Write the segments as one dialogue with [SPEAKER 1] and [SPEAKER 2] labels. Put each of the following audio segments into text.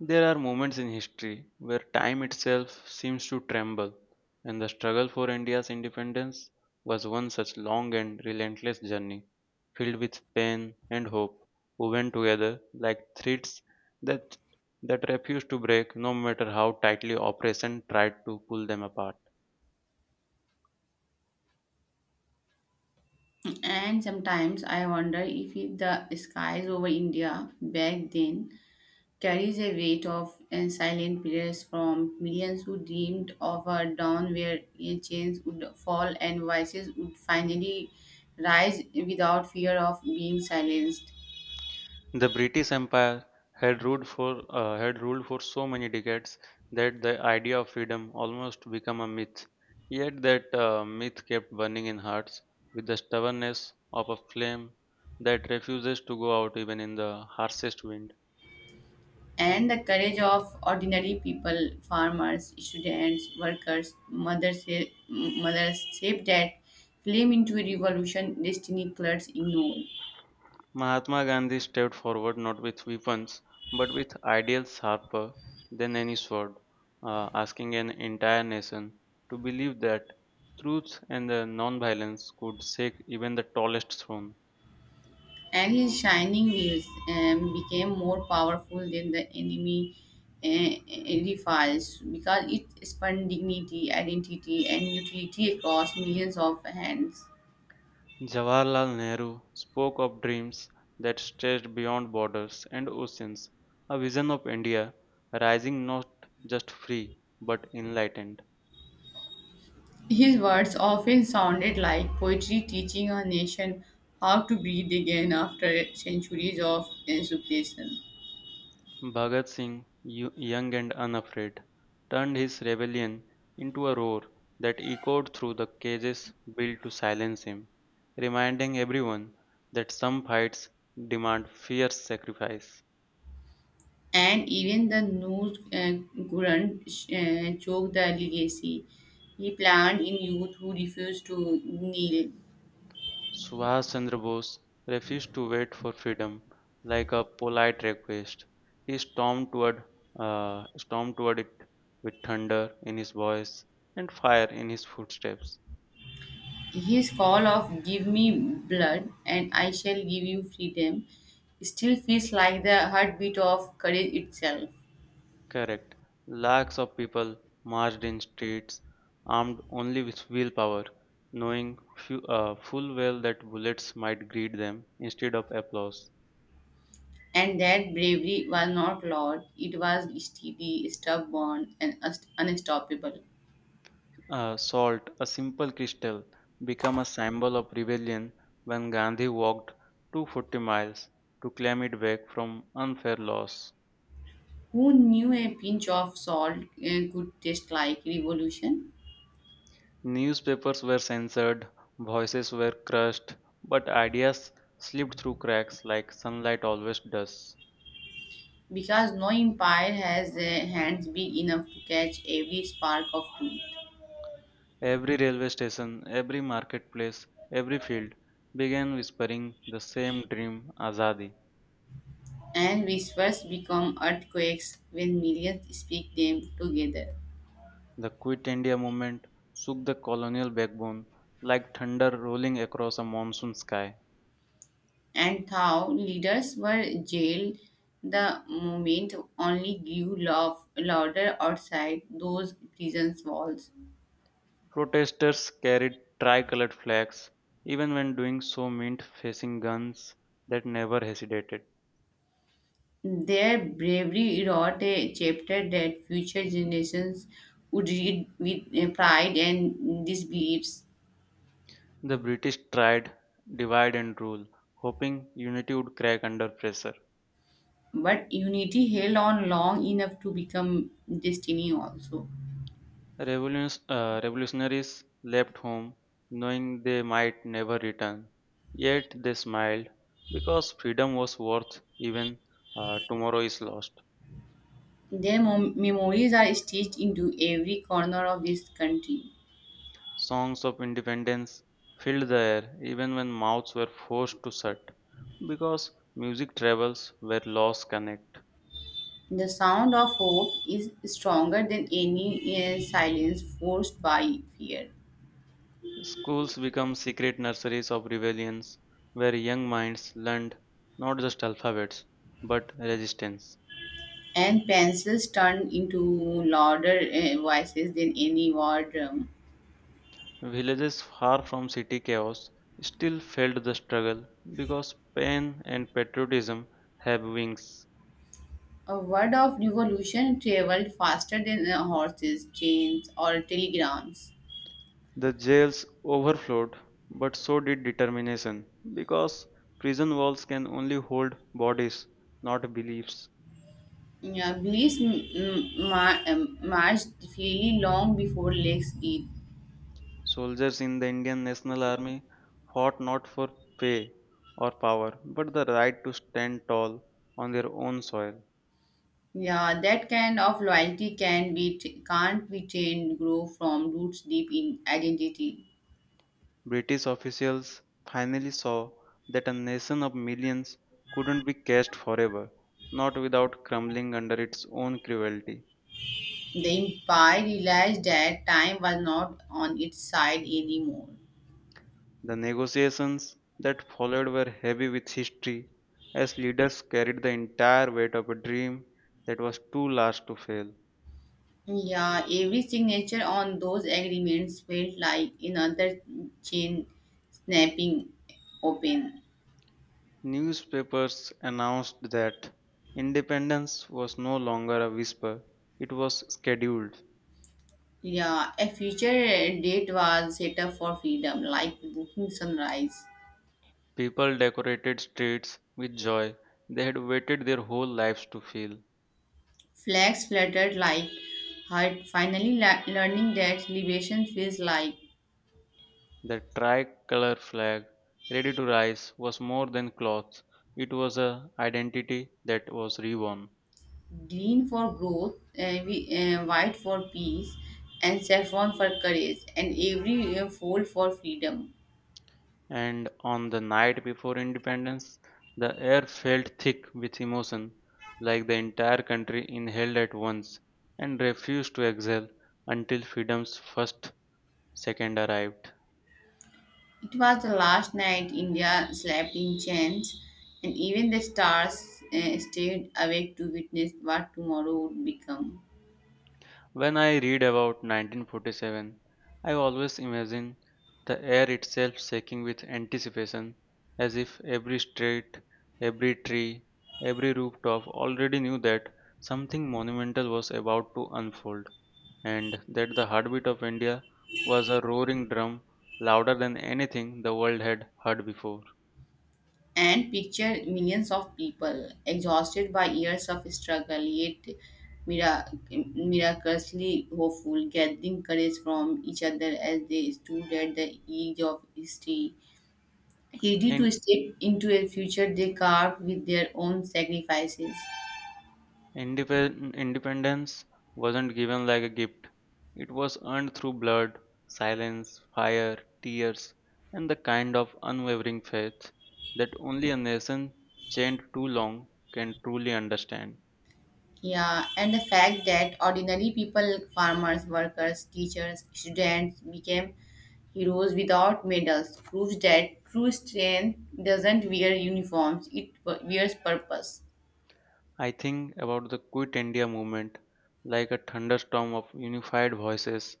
[SPEAKER 1] There are moments in history where time itself seems to tremble, and the struggle for India's independence was one such long and relentless journey, filled with pain and hope, woven together like threads that that refused to break no matter how tightly oppression tried to pull them apart.
[SPEAKER 2] And sometimes I wonder if the skies over India back then carries a weight of and silent prayers from millions who dreamed of a dawn where a chains would fall and voices would finally rise without fear of being silenced.
[SPEAKER 1] The British Empire had ruled for so many decades that the idea of freedom almost became a myth. Yet that myth kept burning in hearts with the stubbornness of a flame that refuses to go out even in the harshest wind.
[SPEAKER 2] And the courage of ordinary people, farmers, students, workers, mothers shaped that flame into a revolution destiny clerks ignored.
[SPEAKER 1] Mahatma Gandhi stepped forward not with weapons but with ideals sharper than any sword, asking an entire nation to believe that truth and the non-violence could shake even the tallest throne.
[SPEAKER 2] And his shining wheels became more powerful than the enemy edifice because it spun dignity, identity, and utility across millions of hands.
[SPEAKER 1] Jawaharlal Nehru spoke of dreams that stretched beyond borders and oceans, a vision of India rising not just free but enlightened.
[SPEAKER 2] His words often sounded like poetry teaching a nation how to breathe again after centuries of suppression.
[SPEAKER 1] Bhagat Singh, young and unafraid, turned his rebellion into a roar that echoed through the cages built to silence him, reminding everyone that some fights demand fierce sacrifice.
[SPEAKER 2] And even the news couldn't choke the legacy he planned in youth who refused to kneel.
[SPEAKER 1] Subhash Chandra Bose refused to wait for freedom like a polite request. He stormed toward, Stormed toward it with thunder in his voice and fire in his footsteps.
[SPEAKER 2] His call of "Give me blood and I shall give you freedom" still feels like the heartbeat of courage itself.
[SPEAKER 1] Correct. Lakhs of people marched in streets armed only with willpower, knowing full well that bullets might greet them instead of applause.
[SPEAKER 2] And that bravery was not loud, it was steady, stubborn, and unstoppable.
[SPEAKER 1] Salt, a simple crystal, became a symbol of rebellion when Gandhi walked 240 miles to claim it back from unfair loss.
[SPEAKER 2] Who knew a pinch of salt could taste like revolution?
[SPEAKER 1] Newspapers were censored, voices were crushed, but ideas slipped through cracks like sunlight always does.
[SPEAKER 2] Because no empire has hands big enough to catch every spark of truth.
[SPEAKER 1] Every railway station, every marketplace, every field began whispering the same dream, Azadi.
[SPEAKER 2] And whispers become earthquakes when millions speak them together.
[SPEAKER 1] The Quit India movement shook the colonial backbone like thunder rolling across a monsoon sky.
[SPEAKER 2] And Thao leaders were jailed. The movement only grew louder outside those prison's walls.
[SPEAKER 1] Protesters carried tricolored flags, even when doing so meant facing guns that never hesitated.
[SPEAKER 2] Their bravery wrote a chapter that future generations would read with pride and disbeliefs.
[SPEAKER 1] The British tried divide and rule, hoping unity would crack under pressure.
[SPEAKER 2] But unity held on long enough to become destiny also.
[SPEAKER 1] Revolutionaries left home knowing they might never return. Yet they smiled because freedom was worth even tomorrow is lost.
[SPEAKER 2] Their memories are stitched into every corner of this country.
[SPEAKER 1] Songs of independence filled the air even when mouths were forced to shut because music travels where laws connect.
[SPEAKER 2] The sound of hope is stronger than any silence forced by fear.
[SPEAKER 1] Schools become secret nurseries of rebellions where young minds learned not just alphabets but resistance.
[SPEAKER 2] And pencils turned into louder voices than any word.
[SPEAKER 1] Villages far from city chaos still felt the struggle because pain and patriotism have wings.
[SPEAKER 2] A word of revolution traveled faster than horses, trains, or telegrams.
[SPEAKER 1] The jails overflowed, but so did determination, because prison walls can only hold bodies, not beliefs.
[SPEAKER 2] Yeah, beliefs marched freely long before legs did.
[SPEAKER 1] Soldiers in the Indian National Army fought not for pay or power, but the right to stand tall on their own soil.
[SPEAKER 2] Yeah, that kind of loyalty can't be trained, grow from roots deep in identity.
[SPEAKER 1] British officials finally saw that a nation of millions couldn't be caged forever, not without crumbling under its own cruelty.
[SPEAKER 2] The empire realized that time was not on its side anymore.
[SPEAKER 1] The negotiations that followed were heavy with history, as leaders carried the entire weight of a dream that was too large to fail.
[SPEAKER 2] Yeah, every signature on those agreements felt like another chain snapping open.
[SPEAKER 1] Newspapers announced that independence was no longer a whisper, it was scheduled.
[SPEAKER 2] Yeah, a future date was set up for freedom, like booking sunrise.
[SPEAKER 1] People decorated streets with joy they had waited their whole lives to feel.
[SPEAKER 2] Flags fluttered like heart, finally learning that liberation feels like
[SPEAKER 1] The tricolor flag, ready to rise, was more than cloth, it was a identity that was reborn.
[SPEAKER 2] green for growth, white for peace, and saffron for courage, and every fold for freedom.
[SPEAKER 1] And on the night before independence, the air felt thick with emotion, like the entire country inhaled at once and refused to exhale until freedom's first second arrived.
[SPEAKER 2] It was the last night India slept in chains, and even the stars stayed awake to witness what tomorrow would become.
[SPEAKER 1] When I read about 1947, I always imagine the air itself shaking with anticipation, as if every street, every tree, every rooftop already knew that something monumental was about to unfold, and that the heartbeat of India was a roaring drum louder than anything the world had heard before.
[SPEAKER 2] And picture millions of people exhausted by years of struggle, yet miraculously hopeful, gathering courage from each other as they stood at the edge of history ready
[SPEAKER 1] And
[SPEAKER 2] to step into a future they carved with their own sacrifices.
[SPEAKER 1] independence wasn't given like a gift, it was earned through blood, silence, fire, tears, and the kind of unwavering faith that only a nation chained too long can truly understand.
[SPEAKER 2] Yeah, and the fact that ordinary people, farmers, workers, teachers, students, became heroes without medals proves that true strength doesn't wear uniforms, it wears purpose.
[SPEAKER 1] I think about the Quit India movement like a thunderstorm of unified voices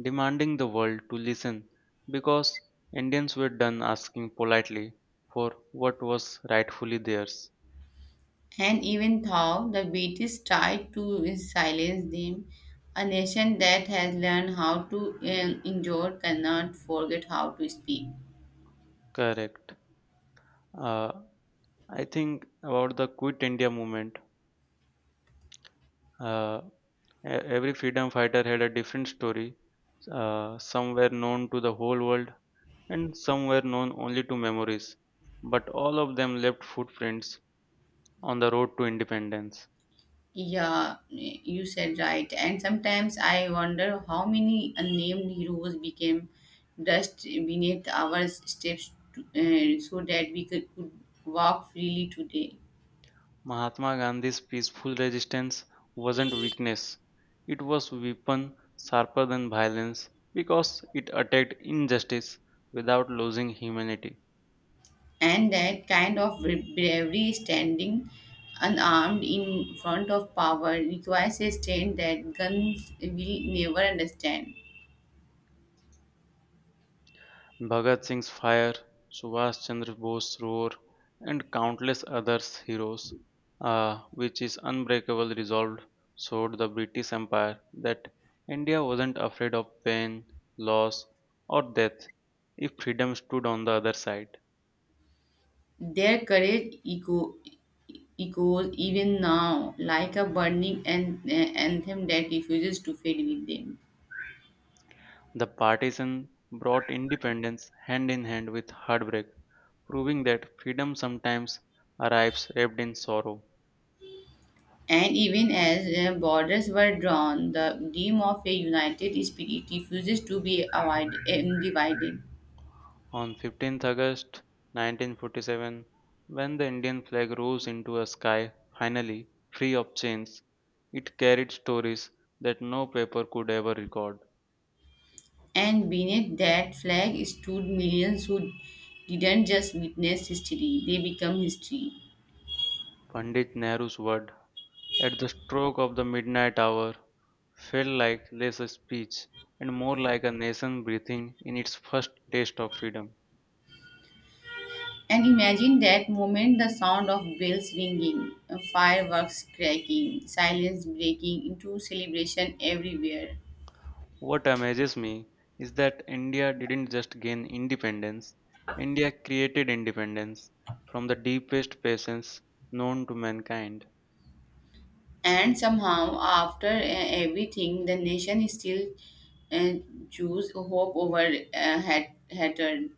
[SPEAKER 1] demanding the world to listen because Indians were done asking politely for what was rightfully theirs.
[SPEAKER 2] And even though the British tried to silence them, a nation that has learned how to endure cannot forget how to speak.
[SPEAKER 1] Correct. Uh, I think about the Quit India movement. Uh, e- every freedom fighter had a different story. Some were known to the whole world, and some were known only to memories. But all of them left footprints on the road to independence.
[SPEAKER 2] Yeah, you said right. And sometimes I wonder how many unnamed heroes became dust beneath our steps to so that we could walk freely today.
[SPEAKER 1] Mahatma Gandhi's peaceful resistance wasn't weakness. It was weapon sharper than violence because it attacked injustice without losing humanity.
[SPEAKER 2] And that kind of bravery, standing unarmed in front of power, requires a strength that guns will never understand.
[SPEAKER 1] Bhagat Singh's fire, Subhash Chandra Bose's roar, and countless others heroes, which is unbreakable resolve, showed the British Empire that India wasn't afraid of pain, loss, or death if freedom stood on the other side.
[SPEAKER 2] Their echoes even now, like a burning anthem that refuses to fade with them.
[SPEAKER 1] The partition brought independence hand in hand with heartbreak, proving that freedom sometimes arrives wrapped in sorrow.
[SPEAKER 2] And even as borders were drawn, the dream of a united spirit refuses to be divided.
[SPEAKER 1] On 15th August 1947, when the Indian flag rose into a sky finally free of chains, it carried stories that no paper could ever record.
[SPEAKER 2] And beneath that flag stood millions who didn't just witness history, they become history.
[SPEAKER 1] Pandit Nehru's word at the stroke of the midnight hour felt like less a speech and more like a nation breathing in its first taste of freedom.
[SPEAKER 2] And imagine that moment the sound of bells ringing, fireworks cracking, silence breaking into celebration everywhere.
[SPEAKER 1] What amazes me is that India didn't just gain independence, India created independence from the deepest patience known to mankind.
[SPEAKER 2] And somehow, after everything, the nation still uh, choose hope over hatred.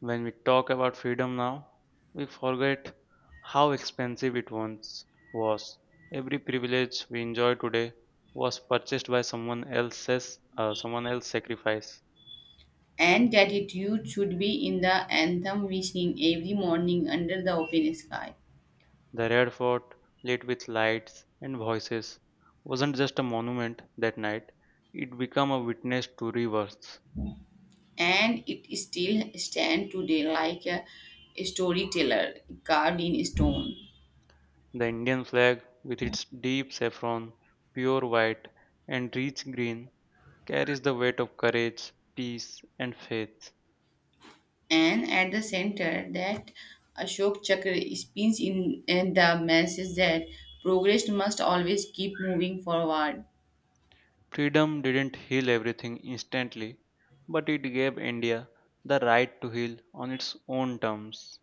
[SPEAKER 1] When we talk about freedom now, we forget how expensive it once was. Every privilege we enjoy today was purchased by someone else's sacrifice.
[SPEAKER 2] And gratitude should be in the anthem we sing every morning under the open sky.
[SPEAKER 1] The Red Fort, lit with lights and voices, wasn't just a monument that night, it became a witness to rebirths.
[SPEAKER 2] And it still stands today like a storyteller carved in stone.
[SPEAKER 1] The Indian flag, with its deep saffron, pure white, and rich green, carries the weight of courage, peace, and faith.
[SPEAKER 2] And at the center that Ashok Chakra spins in, and the message that progress must always keep moving forward.
[SPEAKER 1] Freedom didn't heal everything instantly, but it gave India the right to heal on its own terms.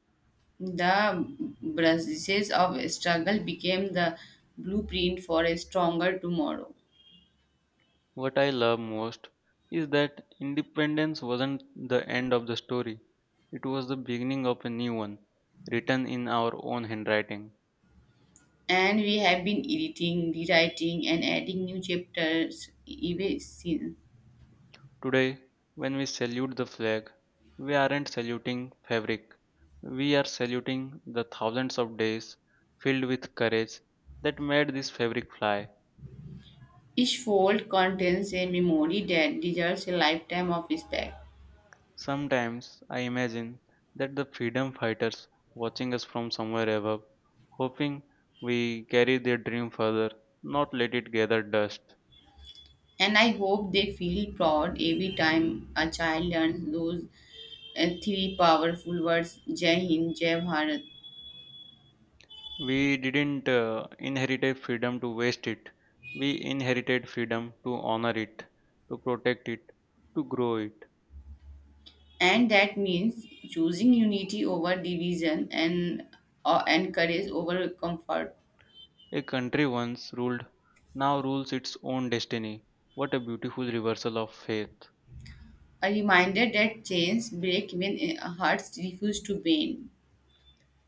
[SPEAKER 2] The bruises of struggle became the blueprint for a stronger tomorrow.
[SPEAKER 1] What I love most is that independence wasn't the end of the story, it was the beginning of a new one, written in our own handwriting.
[SPEAKER 2] And we have been editing, rewriting, and adding new chapters even since.
[SPEAKER 1] Today, when we salute the flag, we aren't saluting fabric, we are saluting the thousands of days filled with courage that made this fabric fly.
[SPEAKER 2] Each fold contains a memory that deserves a lifetime of respect.
[SPEAKER 1] Sometimes I imagine that the freedom fighters watching us from somewhere above, hoping we carry their dream further, not let it gather dust.
[SPEAKER 2] And I hope they feel proud every time a child learns those three powerful words Jai Hind, Jai Bharat.
[SPEAKER 1] We didn't inherit a freedom to waste it. We inherited freedom to honor it, to protect it, to grow it.
[SPEAKER 2] And that means choosing unity over division and and courage over comfort.
[SPEAKER 1] A country once ruled, now rules its own destiny. What a beautiful reversal of faith.
[SPEAKER 2] A reminder that chains break when hearts refuse to bend.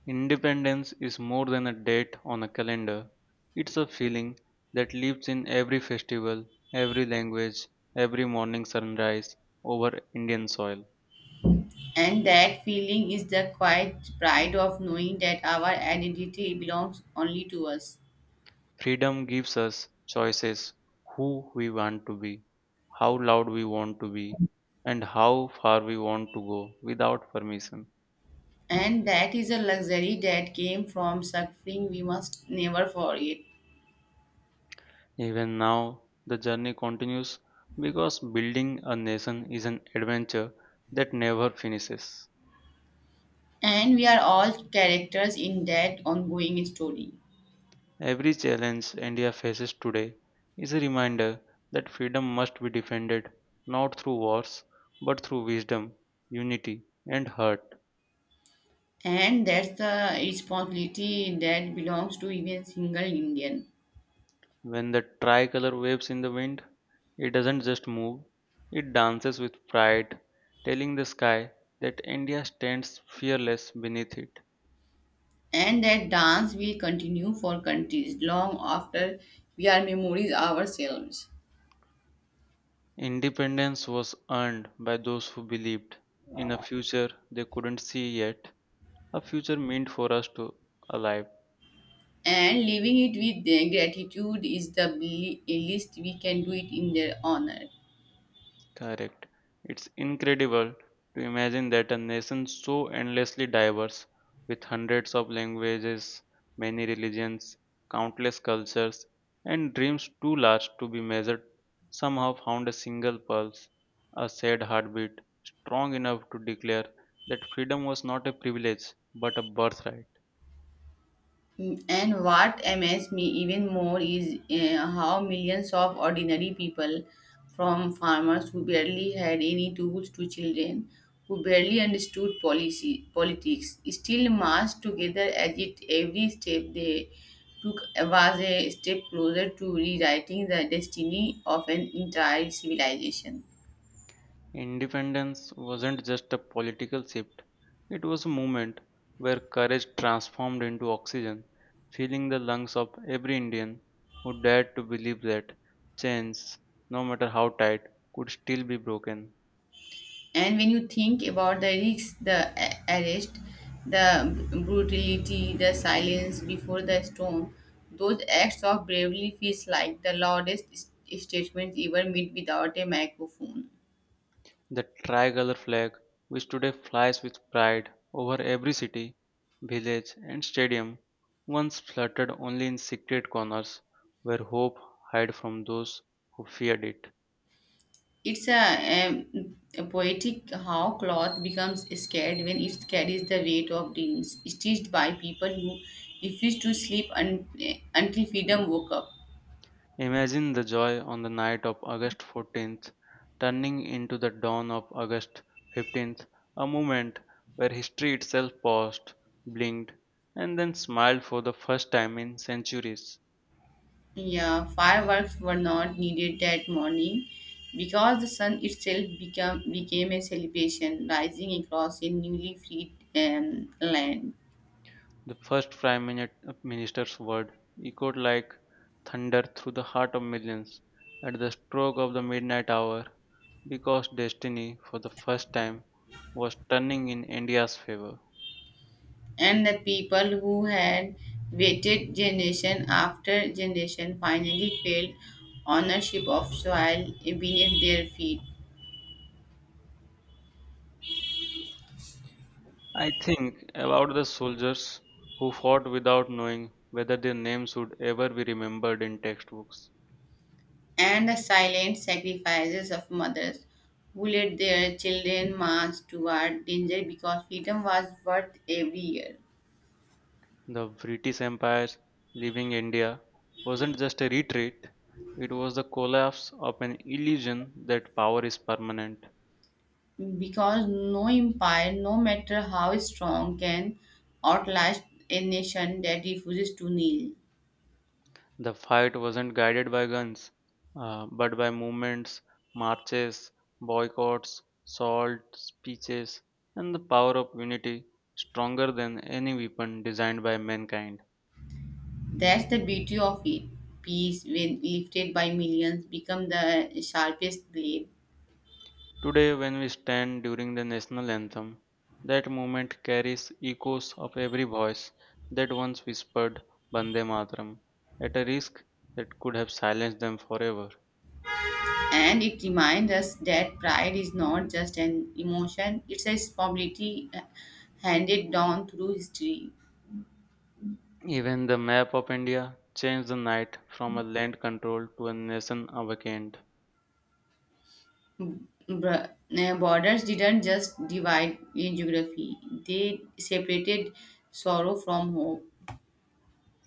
[SPEAKER 1] Independence is more than a date on a calendar. It's a feeling that lives in every festival, every language, every morning sunrise over Indian soil.
[SPEAKER 2] And that feeling is the quiet pride of knowing that our identity belongs only to us.
[SPEAKER 1] Freedom gives us choices who we want to be, how loud we want to be, and how far we want to go without permission.
[SPEAKER 2] And that is a luxury that came from suffering we must never forget.
[SPEAKER 1] Even now, the journey continues because building a nation is an adventure that never finishes.
[SPEAKER 2] And we are all characters in that ongoing story.
[SPEAKER 1] Every challenge India faces today is a reminder that freedom must be defended not through wars but through wisdom, unity, and heart.
[SPEAKER 2] And that's the responsibility that belongs to even single Indian.
[SPEAKER 1] When the tricolor waves in the wind, it doesn't just move, it dances with pride, telling the sky that India stands fearless beneath it.
[SPEAKER 2] And that dance will continue for countries long after we are memories ourselves.
[SPEAKER 1] Independence was earned by those who believed in a future they couldn't see yet, a future meant for us to alive.
[SPEAKER 2] And living it with the gratitude is the least we can do it in their honor.
[SPEAKER 1] Correct. It's incredible to imagine that a nation so endlessly diverse, with hundreds of languages, many religions, countless cultures, and dreams too large to be measured, somehow found a single pulse, a sad heartbeat, strong enough to declare that freedom was not a privilege but a birthright.
[SPEAKER 2] And what amazed me even more is how millions of ordinary people, from farmers who barely had any tools to children who barely understood policy politics, still marched together as it every step they took was a step closer to rewriting the destiny of an entire civilization.
[SPEAKER 1] Independence wasn't just a political shift, it was a movement where courage transformed into oxygen, filling the lungs of every Indian who dared to believe that chains, no matter how tight, could still be broken.
[SPEAKER 2] And when you think about the risks the arrest the brutality the silence before the storm those acts of bravery feels like the loudest statements ever made without a microphone.
[SPEAKER 1] The tricolor flag, which today flies with pride over every city, village, and stadium, once fluttered only in secret corners where hope hid from those who feared it.
[SPEAKER 2] It's a poetic how cloth becomes scared when it carries the weight of dreams stitched by people who refused to until freedom woke up.
[SPEAKER 1] Imagine the joy on the night of August 14th, turning into the dawn of August 15th, a moment where history itself paused, blinked, and then smiled for the first time in centuries.
[SPEAKER 2] Yeah, fireworks were not needed that morning because the sun itself became a celebration, rising across a newly freed land.
[SPEAKER 1] The Minister's word echoed like thunder through the heart of millions at the stroke of the midnight hour because destiny, for the first time, was turning in India's favor.
[SPEAKER 2] And the people who had waited generation after generation finally felt ownership of soil beneath their feet.
[SPEAKER 1] I think about the soldiers who fought without knowing whether their names would ever be remembered in textbooks.
[SPEAKER 2] And the silent sacrifices of mothers who led their children march toward danger because freedom was worth every year.
[SPEAKER 1] The British Empire's leaving India wasn't just a retreat, it was the collapse of an illusion that power is permanent.
[SPEAKER 2] Because no empire, no matter how strong, can outlast a nation that refuses to kneel.
[SPEAKER 1] The fight wasn't guided by guns, but by movements, marches, boycotts, salt, speeches, and the power of unity stronger than any weapon designed by mankind.
[SPEAKER 2] That's the beauty of it. Peace, when lifted by millions, become the sharpest blade.
[SPEAKER 1] Today, when we stand during the national anthem, that moment carries echoes of every voice that once whispered Bande Mataram at a risk that could have silenced them forever.
[SPEAKER 2] And it reminds us that pride is not just an emotion, it's a responsibility handed down through history.
[SPEAKER 1] Even the map of India changed the night from a land controlled to a nation awakened.
[SPEAKER 2] Borders didn't just divide in geography, they separated sorrow from hope.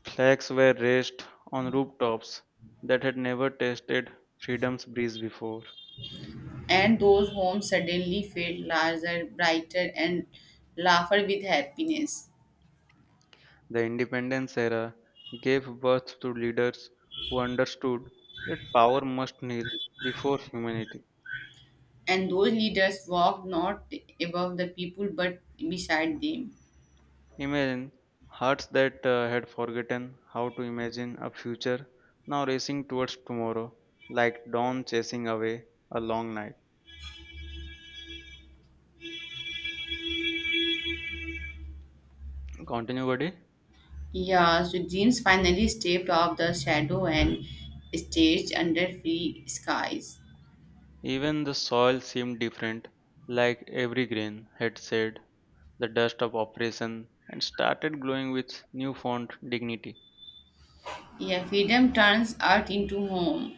[SPEAKER 1] Flags were raised on rooftops that had never tasted freedom's breeze before.
[SPEAKER 2] And those homes suddenly felt larger, brighter, and laughed with happiness.
[SPEAKER 1] The independence era gave birth to leaders who understood that power must kneel before humanity.
[SPEAKER 2] And those leaders walked not above the people but beside them.
[SPEAKER 1] Imagine hearts that had forgotten how to imagine a future now racing towards tomorrow like dawn chasing away a long night. Continue, buddy.
[SPEAKER 2] Yeah, so dreams finally stepped off the shadow and staged under free skies.
[SPEAKER 1] Even the soil seemed different, like every grain had said the dust of oppression and started glowing with newfound dignity.
[SPEAKER 2] Yeah, freedom turns earth into home.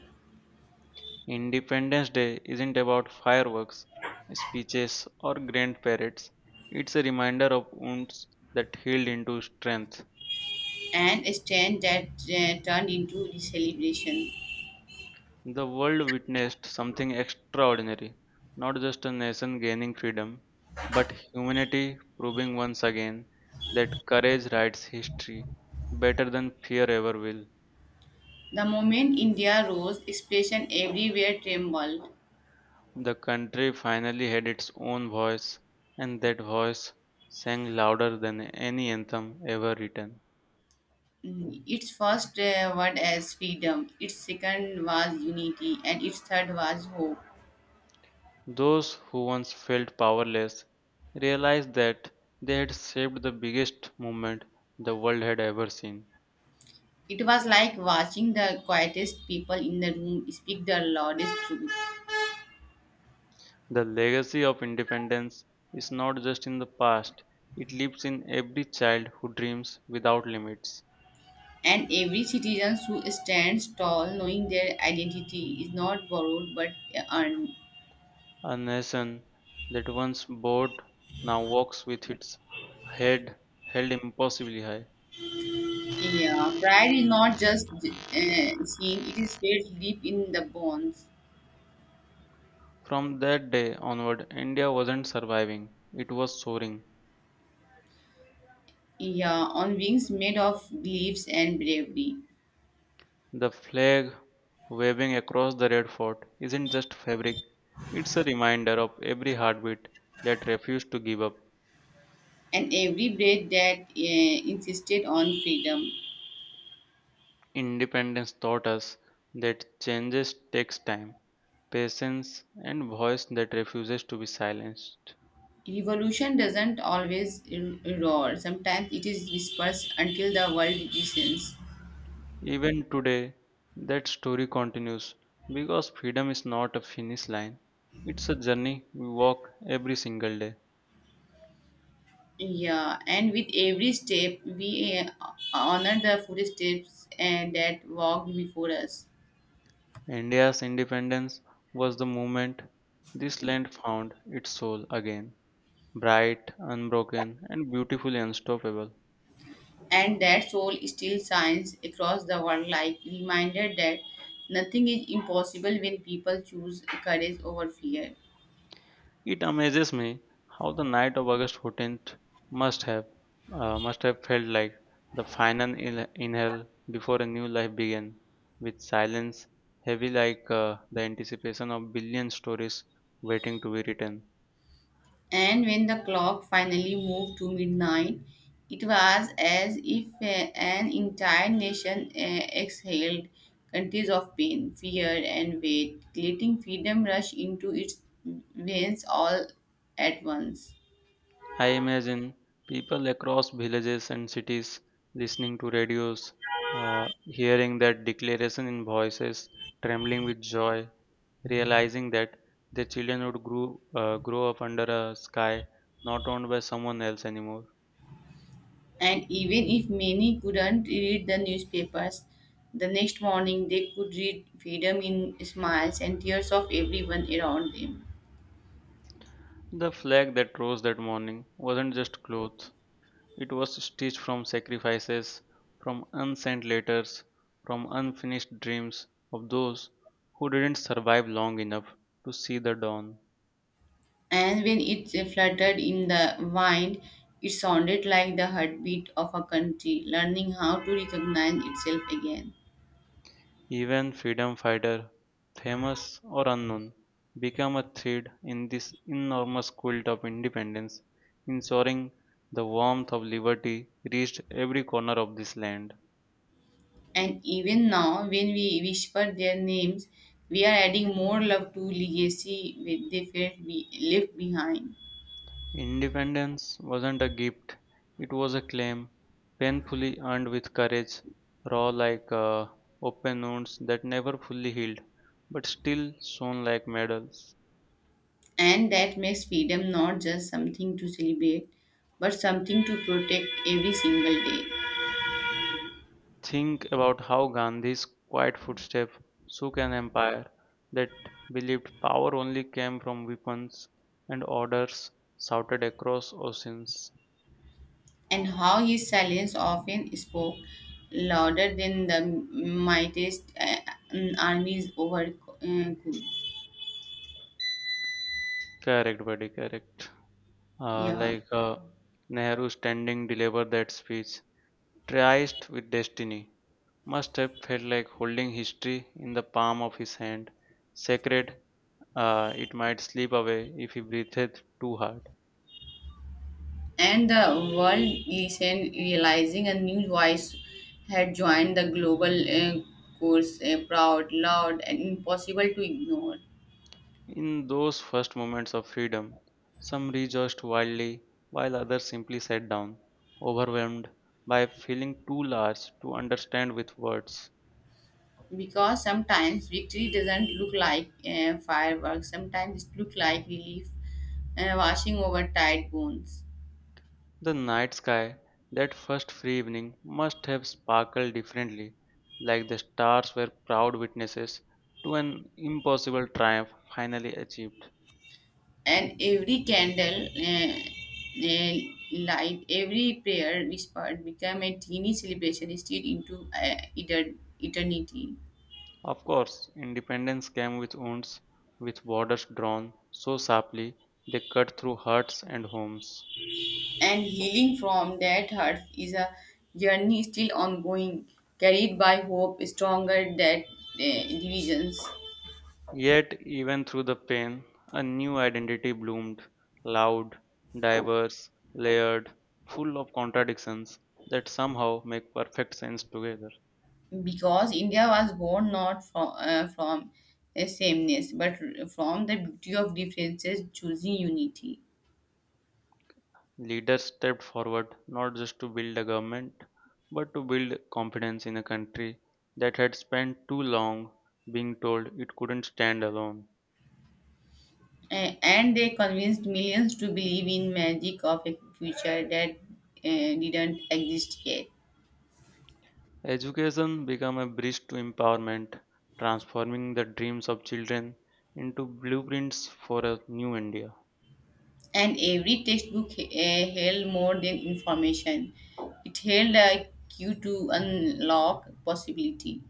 [SPEAKER 1] Independence Day isn't about fireworks, speeches, or grand parades. It's a reminder of wounds that healed into strength.
[SPEAKER 2] And a stand that turned into the celebration.
[SPEAKER 1] The world witnessed something extraordinary, not just a nation gaining freedom, but humanity proving once again that courage writes history better than fear ever will.
[SPEAKER 2] The moment India rose, expression everywhere trembled.
[SPEAKER 1] The country finally had its own voice, and that voice sang louder than any anthem ever written.
[SPEAKER 2] Mm, its first word as freedom, its second was unity, and its third was hope.
[SPEAKER 1] Those who once felt powerless realized that they had shaped the biggest movement the world had ever seen.
[SPEAKER 2] It was like watching the quietest people in the room speak the loudest truth.
[SPEAKER 1] The legacy of independence is not just in the past, it lives in every child who dreams without limits.
[SPEAKER 2] And every citizen who stands tall, knowing their identity is not borrowed but earned.
[SPEAKER 1] A nation that once bowed now walks with its head held impossibly high.
[SPEAKER 2] Yeah, pride is not just seen, it is felt deep in the bones.
[SPEAKER 1] From that day onward, India wasn't surviving, it was soaring.
[SPEAKER 2] Yeah, on wings made of leaves and bravery,
[SPEAKER 1] The flag waving across the Red Fort isn't just fabric, it's a reminder of every heartbeat that refused to give up.
[SPEAKER 2] and every breath that insisted on freedom.
[SPEAKER 1] Independence taught us that changes takes time, patience, and voice that refuses to be silenced.
[SPEAKER 2] Evolution doesn't always roar. Sometimes it is dispersed until the world listens.
[SPEAKER 1] Even today, that story continues because freedom is not a finish line, it's a journey we walk every single day.
[SPEAKER 2] Yeah, and with every step, we honor the footsteps and that walked before us,
[SPEAKER 1] India's independence was the moment this land found its soul again, bright, unbroken, and beautifully unstoppable.
[SPEAKER 2] and that soul still shines across the world like reminder that nothing is impossible when people choose courage over fear.
[SPEAKER 1] It amazes me how the night of August 14th must have must have felt like the final inhale before a new life began, with silence heavy like the anticipation of billion stories waiting to be written.
[SPEAKER 2] And when the clock finally moved to midnight, it was as if an entire nation exhaled countries of pain, fear, and weight, letting freedom rush into its veins all at once.
[SPEAKER 1] I imagine people across villages and cities listening to radios, hearing that declaration in voices, trembling with joy, realizing that their children would grow up under a sky not owned by someone else anymore.
[SPEAKER 2] And even if many couldn't read the newspapers, the next morning they could read freedom in smiles and tears of everyone around them.
[SPEAKER 1] The flag that rose that morning wasn't just cloth, it was stitched from sacrifices, from unsent letters, from unfinished dreams of those who didn't survive long enough to see the dawn.
[SPEAKER 2] And when it fluttered in the wind, it sounded like the heartbeat of a country learning how to recognize itself again.
[SPEAKER 1] Even freedom fighters, famous or unknown, became a thread in this enormous quilt of independence, ensuring the warmth of liberty reached every corner of this land.
[SPEAKER 2] And even now, when we whisper their names, we are adding more love to legacy with they felt we left behind.
[SPEAKER 1] Independence wasn't a gift, it was a claim, painfully earned with courage, raw like open wounds that never fully healed, but still shone like medals.
[SPEAKER 2] And that makes freedom not just something to celebrate, but something to protect every single day.
[SPEAKER 1] Think about how Gandhi's quiet footsteps shook an empire that believed power only came from weapons and orders shouted across oceans.
[SPEAKER 2] And how his silence often spoke louder than the mightiest armies over could.
[SPEAKER 1] Correct, buddy, correct. Uh,
[SPEAKER 2] Yeah.
[SPEAKER 1] like uh, Nehru standing delivered that speech, triced with destiny, must have felt like holding history in the palm of his hand. Sacred, it might slip away if he breathed too hard.
[SPEAKER 2] And the world listened, realizing a new voice had joined the global course, proud, loud, and impossible to ignore.
[SPEAKER 1] In those first moments of freedom, some rejoiced wildly while others simply sat down, overwhelmed by feeling too large to understand with words.
[SPEAKER 2] Because sometimes victory doesn't look like fireworks, sometimes it looks like relief washing over tired bones.
[SPEAKER 1] The night sky that first free evening must have sparkled differently, like the stars were proud witnesses to an impossible triumph finally achieved.
[SPEAKER 2] And every candle uh, light, every prayer whispered became a teeny celebration stretched into eternity.
[SPEAKER 1] Of course, independence came with wounds, with borders drawn so sharply they cut through hearts and homes.
[SPEAKER 2] And healing from that hurt is a journey still ongoing, carried by hope stronger than uh, divisions.
[SPEAKER 1] Yet, even through the pain, a new identity bloomed loud, diverse, layered, full of contradictions that somehow make perfect sense together.
[SPEAKER 2] Because India was born not from a sameness, but from the beauty of differences, choosing unity.
[SPEAKER 1] Leaders stepped forward not just to build a government, but to build confidence in a country that had spent too long being told it couldn't stand alone.
[SPEAKER 2] And they convinced millions to believe in magic of a future that didn't exist yet.
[SPEAKER 1] Education became a bridge to empowerment, transforming the dreams of children into blueprints for a new India.
[SPEAKER 2] And every textbook held more than information. It held a cue to unlock possibility.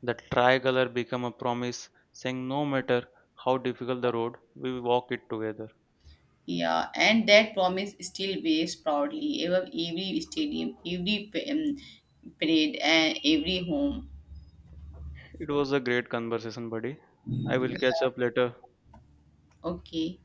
[SPEAKER 1] The tricolor became a promise, saying no matter how difficult the road, we walk it together.
[SPEAKER 2] Yeah, and that promise still waves proudly above every stadium, every um, parade, and every home.
[SPEAKER 1] It was a great conversation, buddy. I will catch up later.
[SPEAKER 2] Okay.